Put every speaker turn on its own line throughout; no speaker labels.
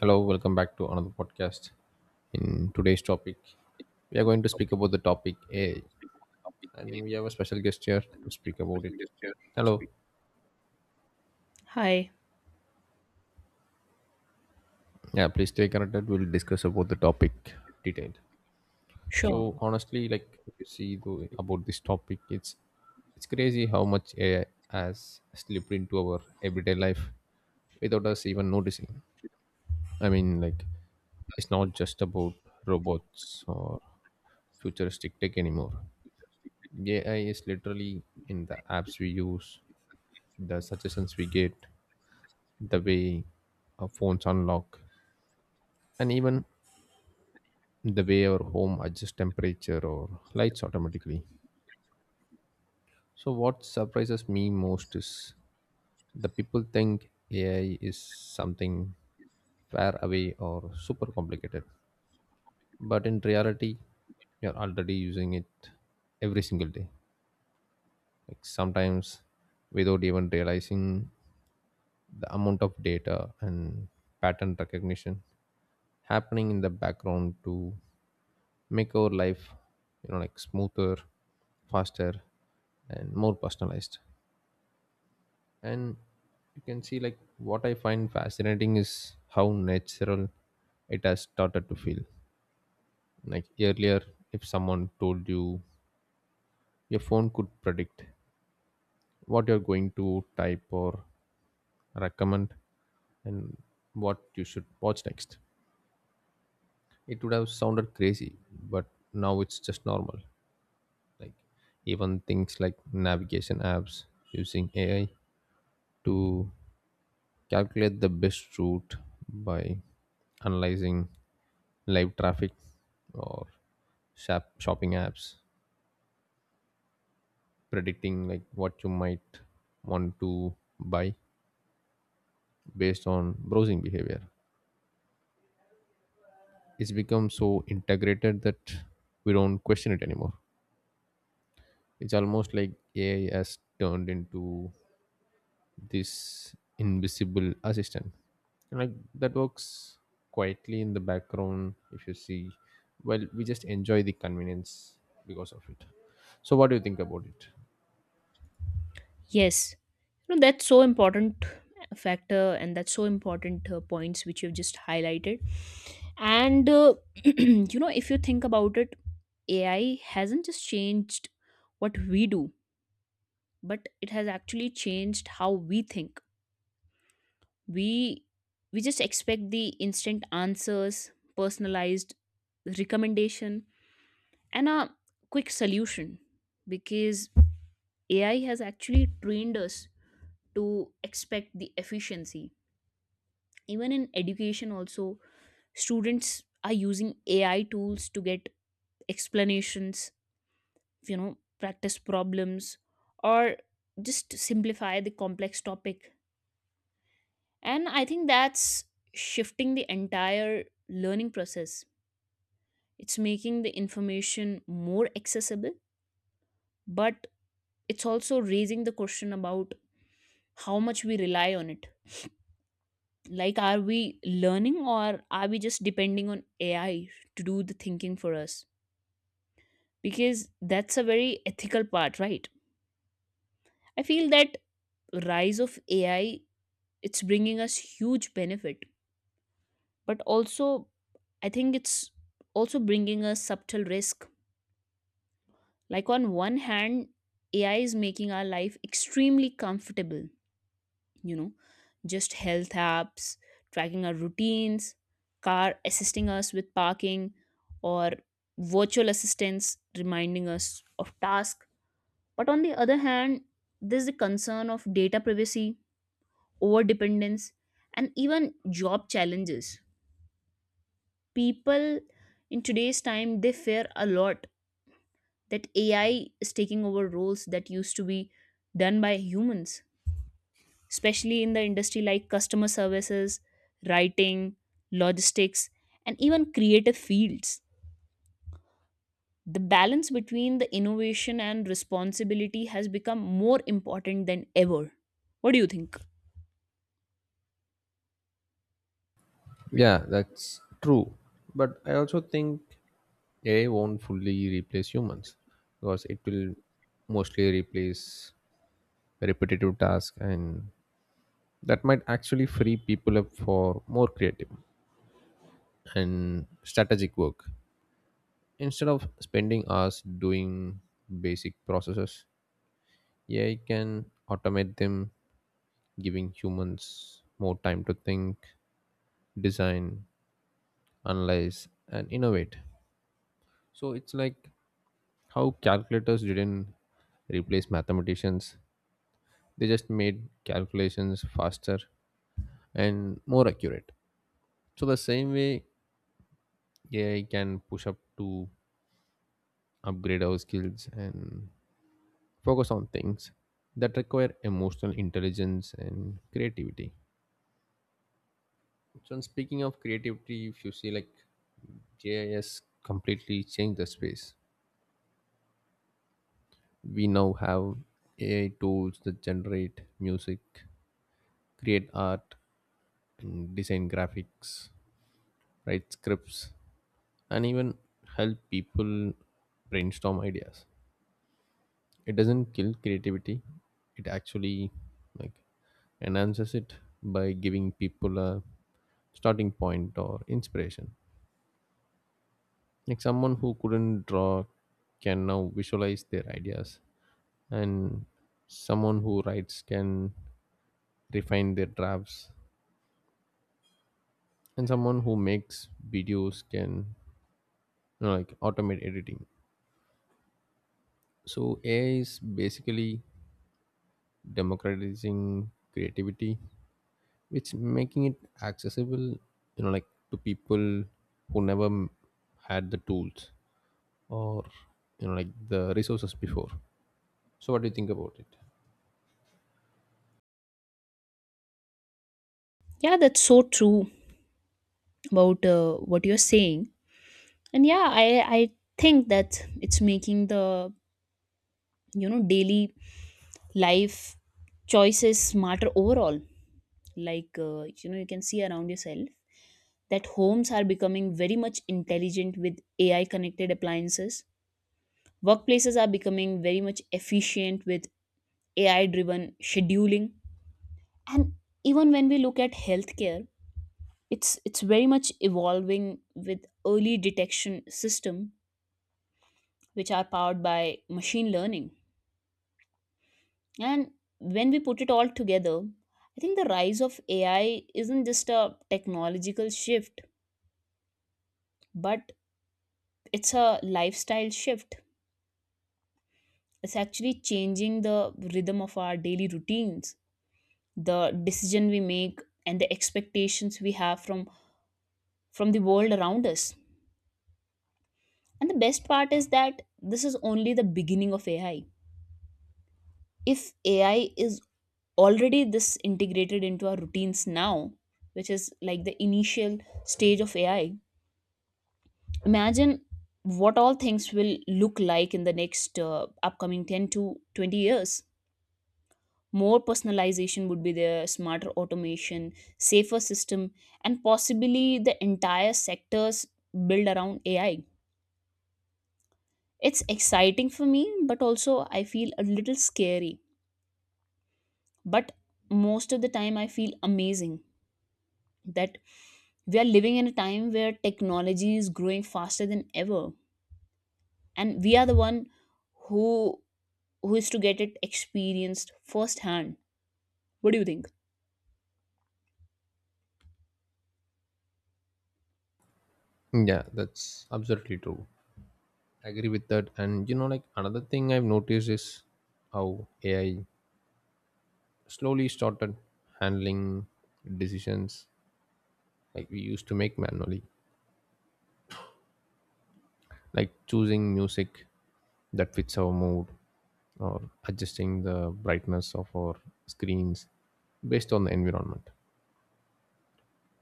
Hello, welcome back to another podcast. In today's topic, we are going to speak about the topic AI, and we have a special guest here to speak about it. Hello.
Hi.
Yeah, please stay connected. We'll discuss about the topic detailed.
Sure.
So honestly, if you see about this topic, it's crazy how much AI has slipped into our everyday life without us even noticing. I mean, like it's not just about robots or futuristic tech anymore. AI is literally in the apps we use, the suggestions we get, the way our phones unlock, and even the way our home adjusts temperature or lights automatically. So, what surprises me most is the people think AI is something far away or super complicated, but in reality, you're already using it every single day. Like sometimes without even realizing the amount of data and pattern recognition happening in the background to make our life smoother, faster, and more personalized. And you can see, like, what I find fascinating is how natural it has started to feel. Like earlier, if someone told you your phone could predict what you're going to type or recommend and what you should watch next, it would have sounded crazy, but now it's just normal. Like even things like navigation apps using AI to calculate the best route by analyzing live traffic, or shopping apps predicting like what you might want to buy based on browsing behavior. It's become so integrated that we don't question it anymore. It's almost like AI has turned into this invisible assistant. And like that works quietly in the background. If you see, well, we just enjoy the convenience because of it. So what do you think about it?
Yes. You know, that's so important factor, and that's so important points which you've just highlighted. And you know, if you think about it, AI hasn't just changed what we do, but it has actually changed how we think. We we just expect the instant answers, personalized recommendation, and a quick solution because AI has actually trained us to expect the efficiency. Even in education also, students are using AI tools to get explanations, you know, practice problems, or just simplify the complex topic. And I think that's shifting the entire learning process. It's making the information more accessible, but it's also raising the question about how much we rely on it. Like, are we learning or are we just depending on AI to do the thinking for us? Because that's a very ethical part, right? I feel that rise of AI, it's bringing us huge benefit, but also I think it's also bringing us subtle risk. Like on one hand, AI is making our life extremely comfortable, you know, just health apps tracking our routines, car assisting us with parking, or virtual assistants reminding us of tasks. But on the other hand, there's the concern of data privacy, over dependence, and even job challenges. People in today's time, they fear a lot that AI is taking over roles that used to be done by humans, especially in the industry like customer services, writing, logistics, and even creative fields. The balance between the innovation and responsibility has become more important than ever. What do you think?
Yeah, that's true, but I also think AI won't fully replace humans because it will mostly replace repetitive tasks, and that might actually free people up for more creative and strategic work. Instead of spending hours doing basic processes, AI can automate them, giving humans more time to think, design, analyze, and innovate. So it's like how calculators didn't replace mathematicians, they just made calculations faster and more accurate. So, the same way AI can push up to upgrade our skills and focus on things that require emotional intelligence and creativity. So, and speaking of creativity, if you see, like, GIS completely changed the space. We now have AI tools that generate music, create art, and design graphics, write scripts, and even help people brainstorm ideas. It doesn't kill creativity. It actually, like, enhances it by giving people a starting point or inspiration. Like someone who couldn't draw can now visualize their ideas, and someone who writes can refine their drafts, and someone who makes videos can, automate editing. So AI is basically democratizing creativity, which making it accessible, you know, like, to people who never had the tools or, you know, like, the resources before. So what do you think about it?
Yeah, that's so true about what you're saying. And yeah, I think that it's making the, you know, daily life choices smarter overall. Like you know, you can see around yourself that homes are becoming very much intelligent with AI connected appliances, workplaces are becoming very much efficient with AI driven scheduling. And even when we look at healthcare, it's very much evolving with early detection system which are powered by machine learning. And when we put it all together, I think the rise of AI isn't just a technological shift, but it's a lifestyle shift. It's actually changing the rhythm of our daily routines, the decision we make, and the expectations we have from the world around us. And the best part is that this is only the beginning of AI. If AI is already this integrated into our routines now, which is like the initial stage of AI, imagine what all things will look like in the next upcoming 10 to 20 years. More personalization would be there, smarter automation, safer system, and possibly the entire sectors built around AI. It's exciting for me, but also I feel a little scary. But most of the time I feel amazing that we are living in a time where technology is growing faster than ever, and we are the one who is to get it experienced firsthand. What do you think?
Yeah, that's absolutely true. I agree with that. And you know, like, another thing I've noticed is how AI slowly started handling decisions like we used to make manually, like choosing music that fits our mood or adjusting the brightness of our screens based on the environment.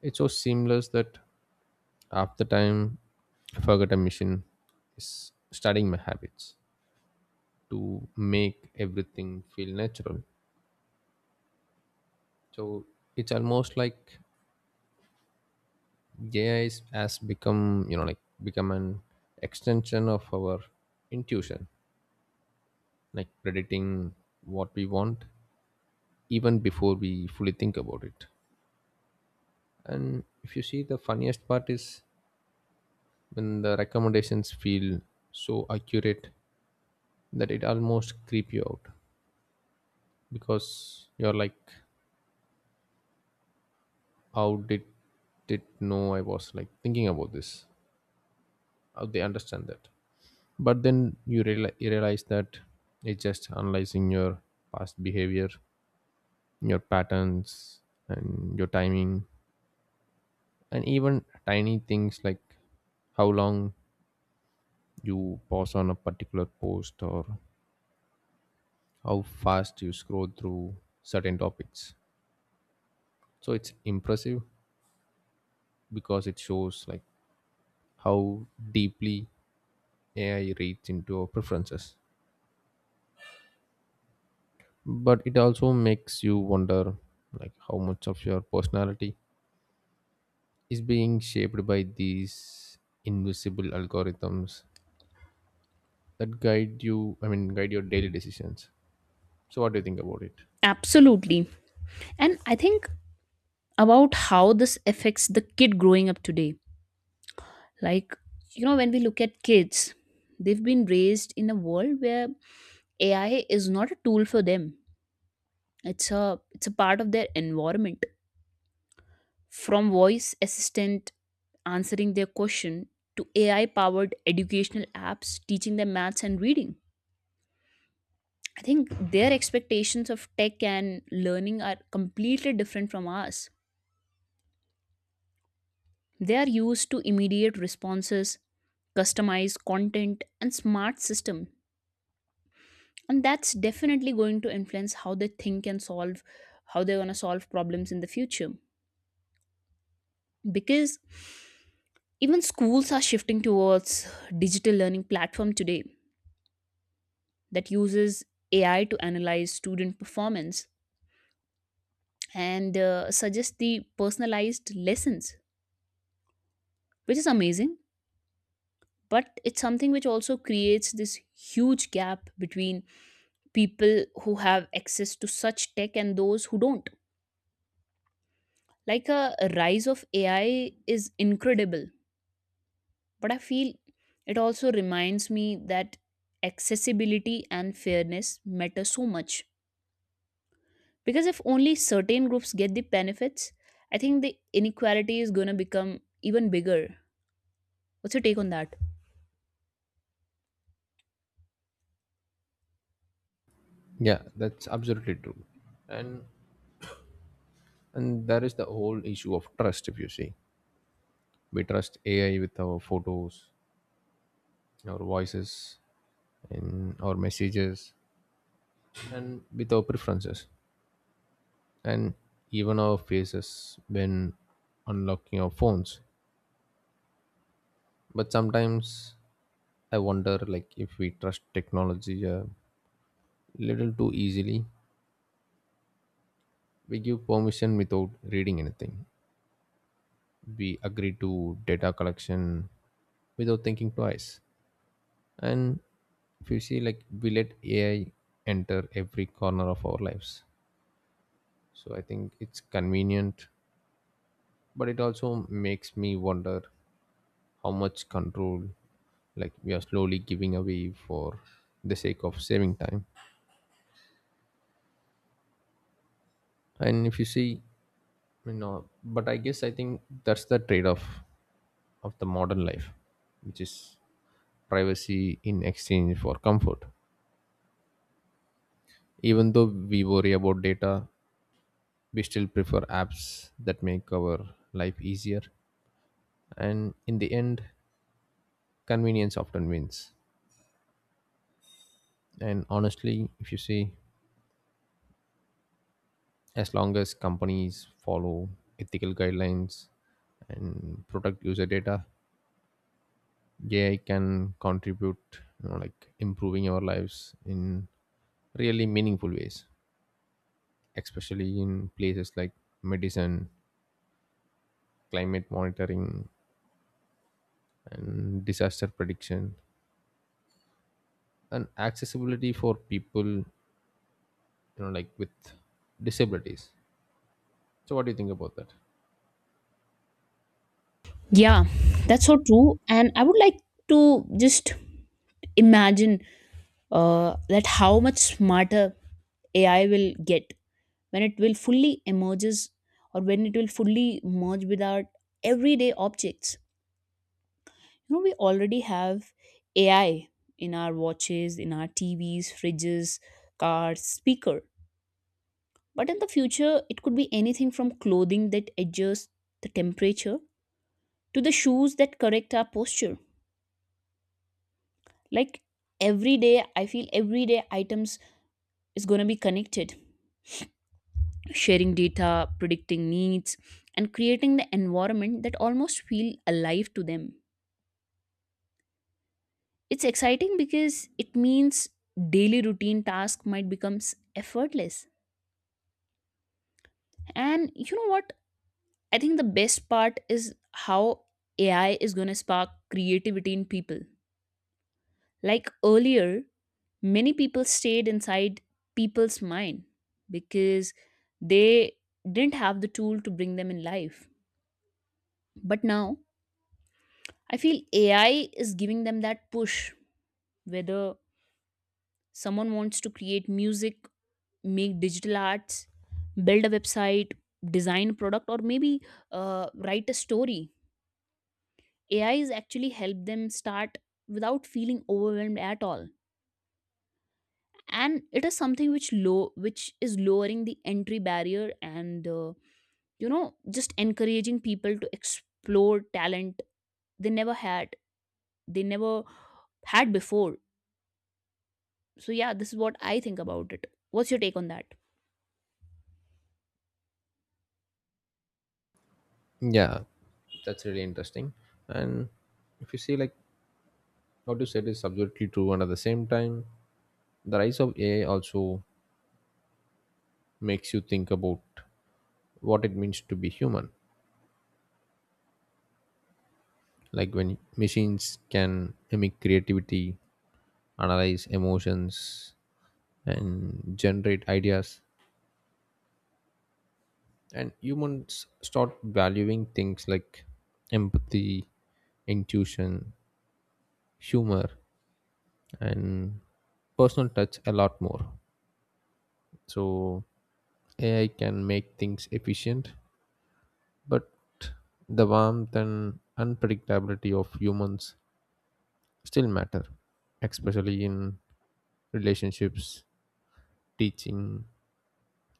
It's so seamless that half the time I forget a mission is studying my habits to make everything feel natural. So it's almost like has become, you know, like become an extension of our intuition, like predicting what we want even before we fully think about it. And if you see, the funniest part is when the recommendations feel so accurate that it almost creep you out, because you're like, how did it know I was like thinking about this? How they understand that? But then you realize that it's just analyzing your past behavior, your patterns, and your timing, and even tiny things like how long you pause on a particular post or how fast you scroll through certain topics. So it's impressive because it shows like how deeply AI reads into our preferences, but it also makes you wonder like how much of your personality is being shaped by these invisible algorithms that guide you I mean guide your daily decisions. So what do you think about it?
Absolutely. And I think about how this affects the kid growing up today. Like, you know, when we look at kids, they've been raised in a world where AI is not a tool for them. It's a part of their environment. From voice assistant answering their question to AI powered educational apps teaching them maths and reading. I think their expectations of tech and learning are completely different from ours. They are used to immediate responses, customized content, and smart system. And that's definitely going to influence how they think and solve, how they're going to solve problems in the future. Because even schools are shifting towards digital learning platform today that uses AI to analyze student performance and suggest the personalized lessons, which is amazing. But it's something which also creates this huge gap between people who have access to such tech and those who don't. Like a rise of AI is incredible, but I feel it also reminds me that accessibility and fairness matter so much. Because if only certain groups get the benefits, I think the inequality is going to become even bigger. What's your take on that?
Yeah, that's absolutely true. And and that is the whole issue of trust. If you see, we trust AI with our photos, our voices, and our messages, and with our preferences, and even our faces when unlocking our phones. But sometimes I wonder like if we trust technology a little too easily. We give permission without reading anything. We agree to data collection without thinking twice. And if you see, like, we let AI enter every corner of our lives. So I think it's convenient, but it also makes me wonder how much control, like, we are slowly giving away for the sake of saving time. And if you see, you know, but I guess I think that's the trade-off of the modern life, which is privacy in exchange for comfort. Even though we worry about data, we still prefer apps that make our life easier, and in the end, convenience often wins. And honestly, if you see, as long as companies follow ethical guidelines and protect user data, AI can contribute, you know, like, improving our lives in really meaningful ways, especially in places like medicine, climate monitoring, and disaster prediction, and accessibility for people, you know, like, with disabilities. So what do you think about that?
Yeah, that's so true. And I would like to just imagine that how much smarter AI will get, when it will fully emerges, or when it will fully merge with our everyday objects. You know, we already have AI in our watches, in our TVs, fridges, cars, speaker. But in the future, it could be anything from clothing that adjusts the temperature to the shoes that correct our posture. Like every day I feel everyday items is going to be connected, sharing data, predicting needs, and creating the environment that almost feel alive to them. It's exciting because it means daily routine task might become effortless. And you know what? I think the best part is how AI is going to spark creativity in people. Like earlier, many people stayed inside people's mind because they didn't have the tool to bring them in life. But now, I feel AI is giving them that push, whether someone wants to create music, make digital arts, build a website, design a product, or maybe write a story. AI is actually help them start without feeling overwhelmed at all, and it is something which low which is lowering the entry barrier, and you know, just encouraging people to explore talent they never had they never had before. So yeah, this is what I think about it. What's your take on that?
Yeah, that's really interesting. And if you see, like, what you said is absolutely true, and at the same time, the rise of AI also makes you think about what it means to be human. Like when machines can mimic creativity, analyze emotions, and generate ideas, and humans start valuing things like empathy, intuition, humor, and personal touch a lot more. So AI can make things efficient, but the warmth and unpredictability of humans still matter, especially in relationships, teaching,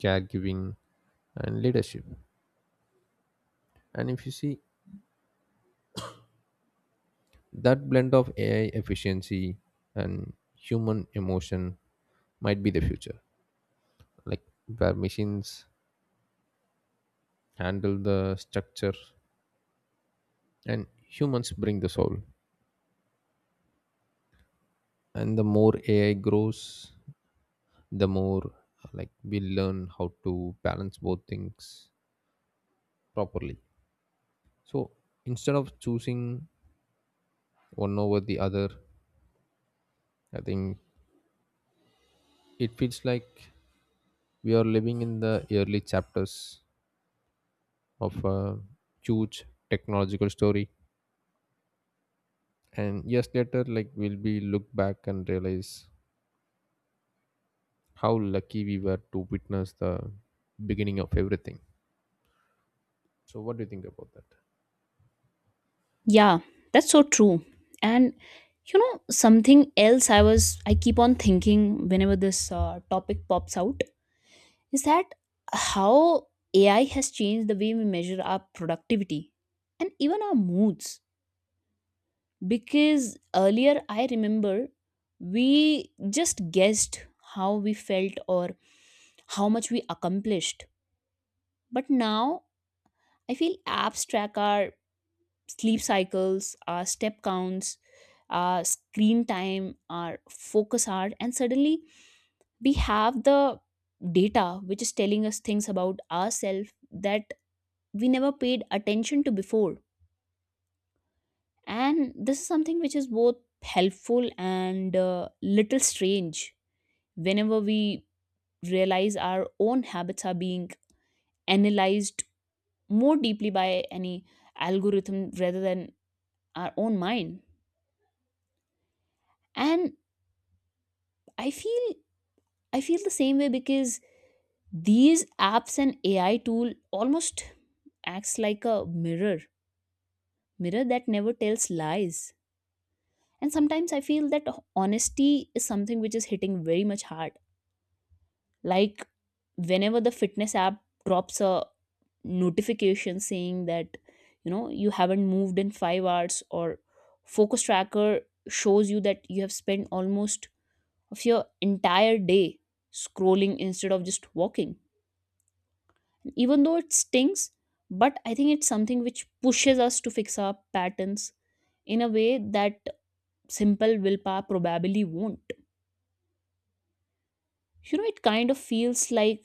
caregiving, and leadership. And if you see, that blend of AI efficiency and human emotion might be the future, like where machines handle the structure and humans bring the soul. And the more AI grows, the more, like, we learn how to balance both things properly. So instead of choosing one over the other, I think it feels like we are living in the early chapters of a huge technological story, and years later, like, we'll be look back and realize how lucky we were to witness the beginning of everything. So what do you think about that?
Yeah, that's so true. And you know, something else I keep on thinking whenever this topic pops out is that how AI has changed the way we measure our productivity and even our moods. Because earlier I remember we just guessed how we felt or how much we accomplished. But now I feel apps track our sleep cycles, our step counts, our screen time, our focus hour, and suddenly we have the data which is telling us things about ourselves that we never paid attention to before. And this is something which is both helpful and little strange whenever we realize our own habits are being analyzed more deeply by any algorithm rather than our own mind. And I feel I feel the same way because these apps and AI tool almost acts like a mirror that never tells lies. And sometimes I feel that honesty is something which is hitting very much hard. Like whenever the fitness app drops a notification saying that, you know, you haven't moved in 5 hours, or focus tracker shows you that you have spent almost of your entire day scrolling instead of just walking. Even though it stings, but I think it's something which pushes us to fix our patterns in a way that simple willpower probably won't. You know, it kind of feels like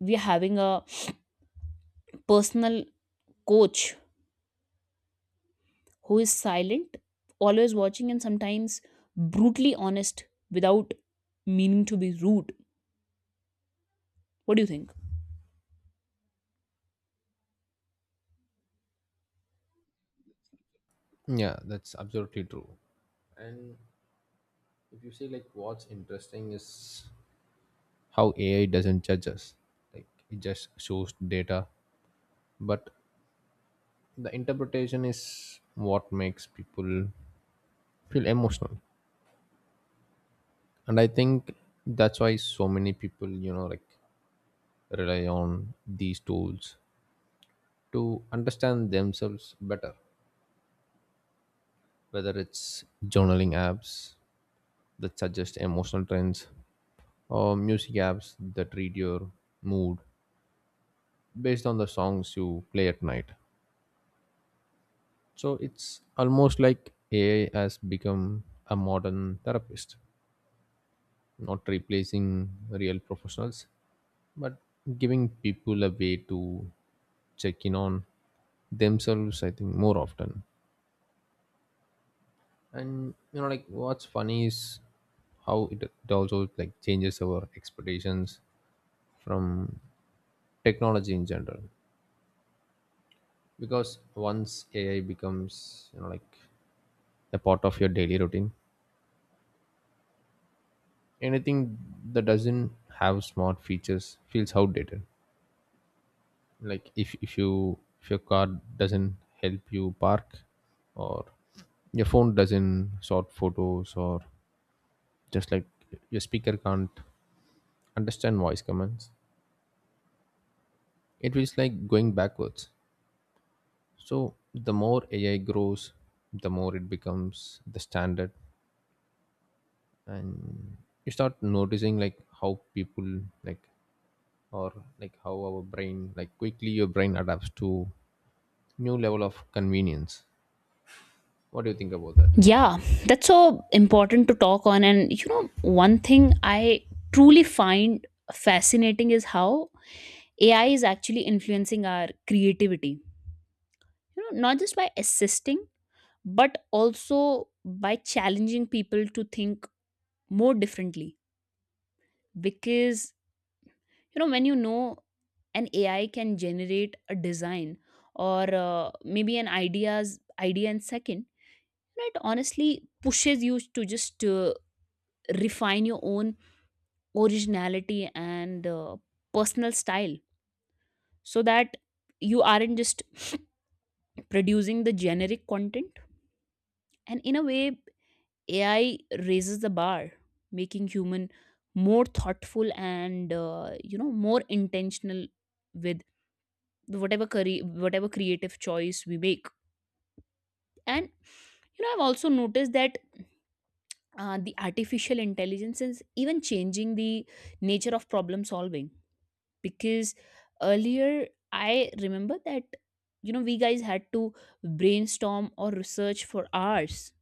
we're having a personal coach who is silent, always watching, and sometimes brutally honest without meaning to be rude. What do you think?
Yeah, that's absolutely true. And if you see, like, what's interesting is how AI doesn't judge us. Like, it just shows data, but the interpretation is what makes people feel emotional. And I think that's why so many people, you know, like, rely on these tools to understand themselves better, whether it's journaling apps that suggest emotional trends or music apps that read your mood based on the songs you play at night. So it's almost like AI has become a modern therapist, not replacing real professionals, but giving people a way to check in on themselves, I think, more often. And you know, like, what's funny is how it also like changes our expectations from technology in general. Because once AI becomes, you know, like, a part of your daily routine, anything that doesn't have smart features feels outdated. Like if your car doesn't help you park, or your phone doesn't sort photos, or just like your speaker can't understand voice commands, it feels like going backwards. So the more AI grows, the more it becomes the standard. And you start noticing like how people like or like how our brain like quickly your brain adapts to new level of convenience. What do you think about that?
Yeah, that's so important to talk on. And you know, one thing I truly find fascinating is how AI is actually influencing our creativity, you know, not just by assisting, but also by challenging people to think more differently. Because, you know, when you know an AI can generate a design or maybe an idea in second, you know, it honestly pushes you to just refine your own originality and personal style so that you aren't just producing the generic content. And in a way, AI raises the bar, making human more thoughtful and you know, more intentional with whatever career, whatever creative choice we make. And you know, I've also noticed that the artificial intelligence is even changing the nature of problem solving, because earlier I remember that, you know, we guys had to brainstorm or research for hours.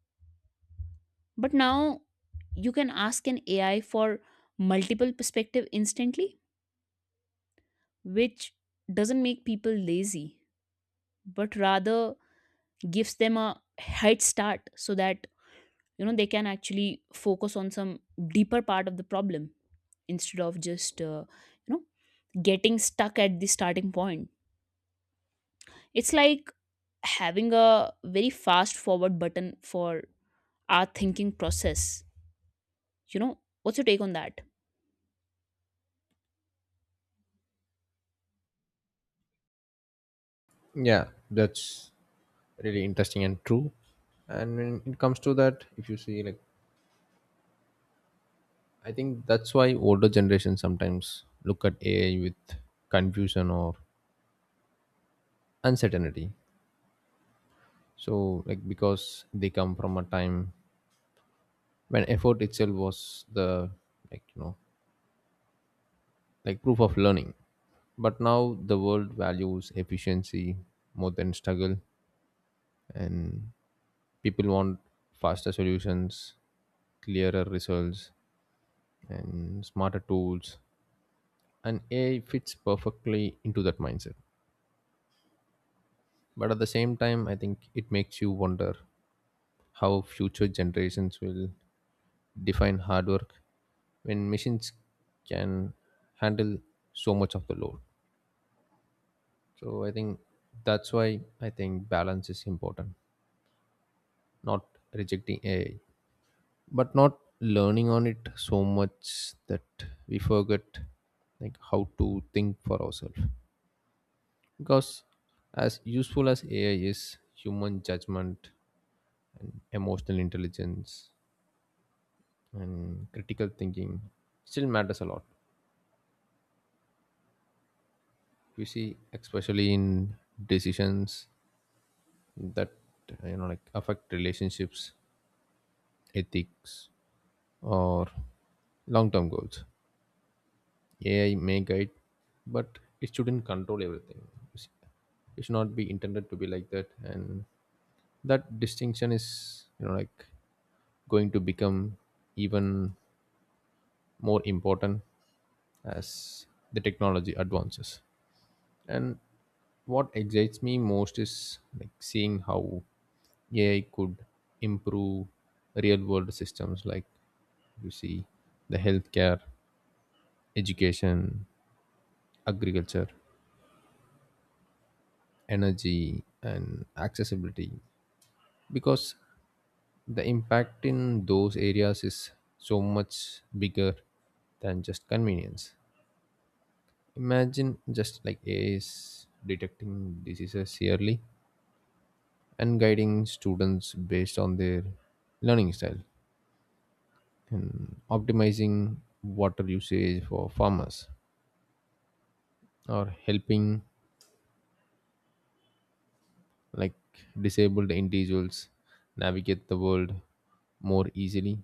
But now you can ask an AI for multiple perspective instantly, which doesn't make people lazy, but rather gives them a head start so that, you know, they can actually focus on some deeper part of the problem instead of just you know, getting stuck at the starting point. It's like having a very fast forward button for our thinking process. You know, what's your take on that?
Yeah, that's really interesting and true. And when it comes to that, if you see, like, I think that's why older generations sometimes look at AI with confusion or uncertainty. So, like, because they come from a time when effort itself was the, like, you know, like, proof of learning. But now the world values efficiency more than struggle. And people want faster solutions, clearer results, and smarter tools. And AI fits perfectly into that mindset. But at the same time, I think it makes you wonder how future generations will define hard work when machines can handle so much of the load. So I think that's why I think balance is important, not rejecting AI but not learning on it so much that we forget like how to think for ourselves. Because as useful as AI is, human judgment, emotional intelligence, and critical thinking still matters a lot, you see, especially in decisions that, you know, like, affect relationships, ethics, or long term goals. AI may guide, but it shouldn't control everything. It's- It should not be intended to be like that, and that distinction is, you know, like, going to become even more important as the technology advances. And what excites me most is like seeing how AI could improve real world systems like, you see, the healthcare, education, agriculture, energy, and accessibility, because the impact in those areas is so much bigger than just convenience. Imagine just like AI is detecting diseases yearly, and guiding students based on their learning style, and optimizing water usage for farmers, or helping like disabled individuals navigate the world more easily.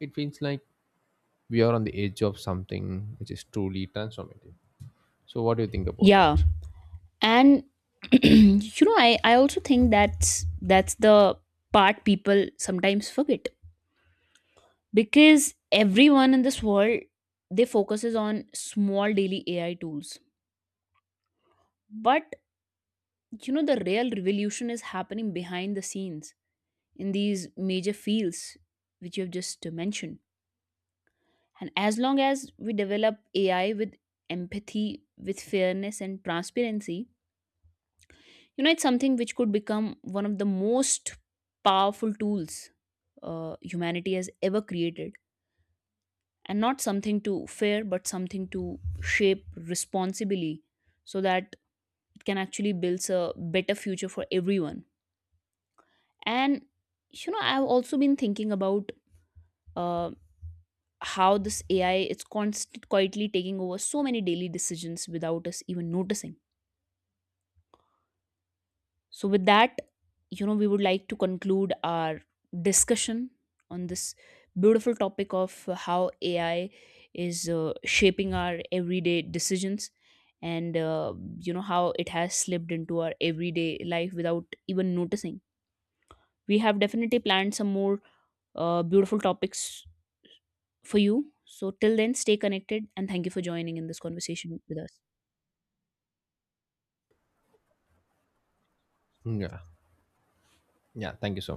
It feels like we are on the edge of something which is truly transformative. So, what do you think about
Yeah,
that?
and you know, I also think that's the part people sometimes forget, because everyone in this world, they focuses on small daily AI tools, but you know the real revolution is happening behind the scenes in these major fields which you have just mentioned. And as long as we develop AI with empathy, with fairness and transparency, you know, it's something which could become one of the most powerful tools humanity has ever created. And not something to fear, but something to shape responsibly so that it can actually build a better future for everyone. And, you know, I've also been thinking about uh, how this AI is constantly quietly taking over so many daily decisions without us even noticing. So, with that, you know, we would like to conclude our discussion on this beautiful topic of how AI is shaping our everyday decisions, and, you know, how it has slipped into our everyday life without even noticing. We have definitely planned some more beautiful topics for you. So, till then, stay connected, and thank you for joining in this conversation with us.
Yeah. Yeah. Thank you so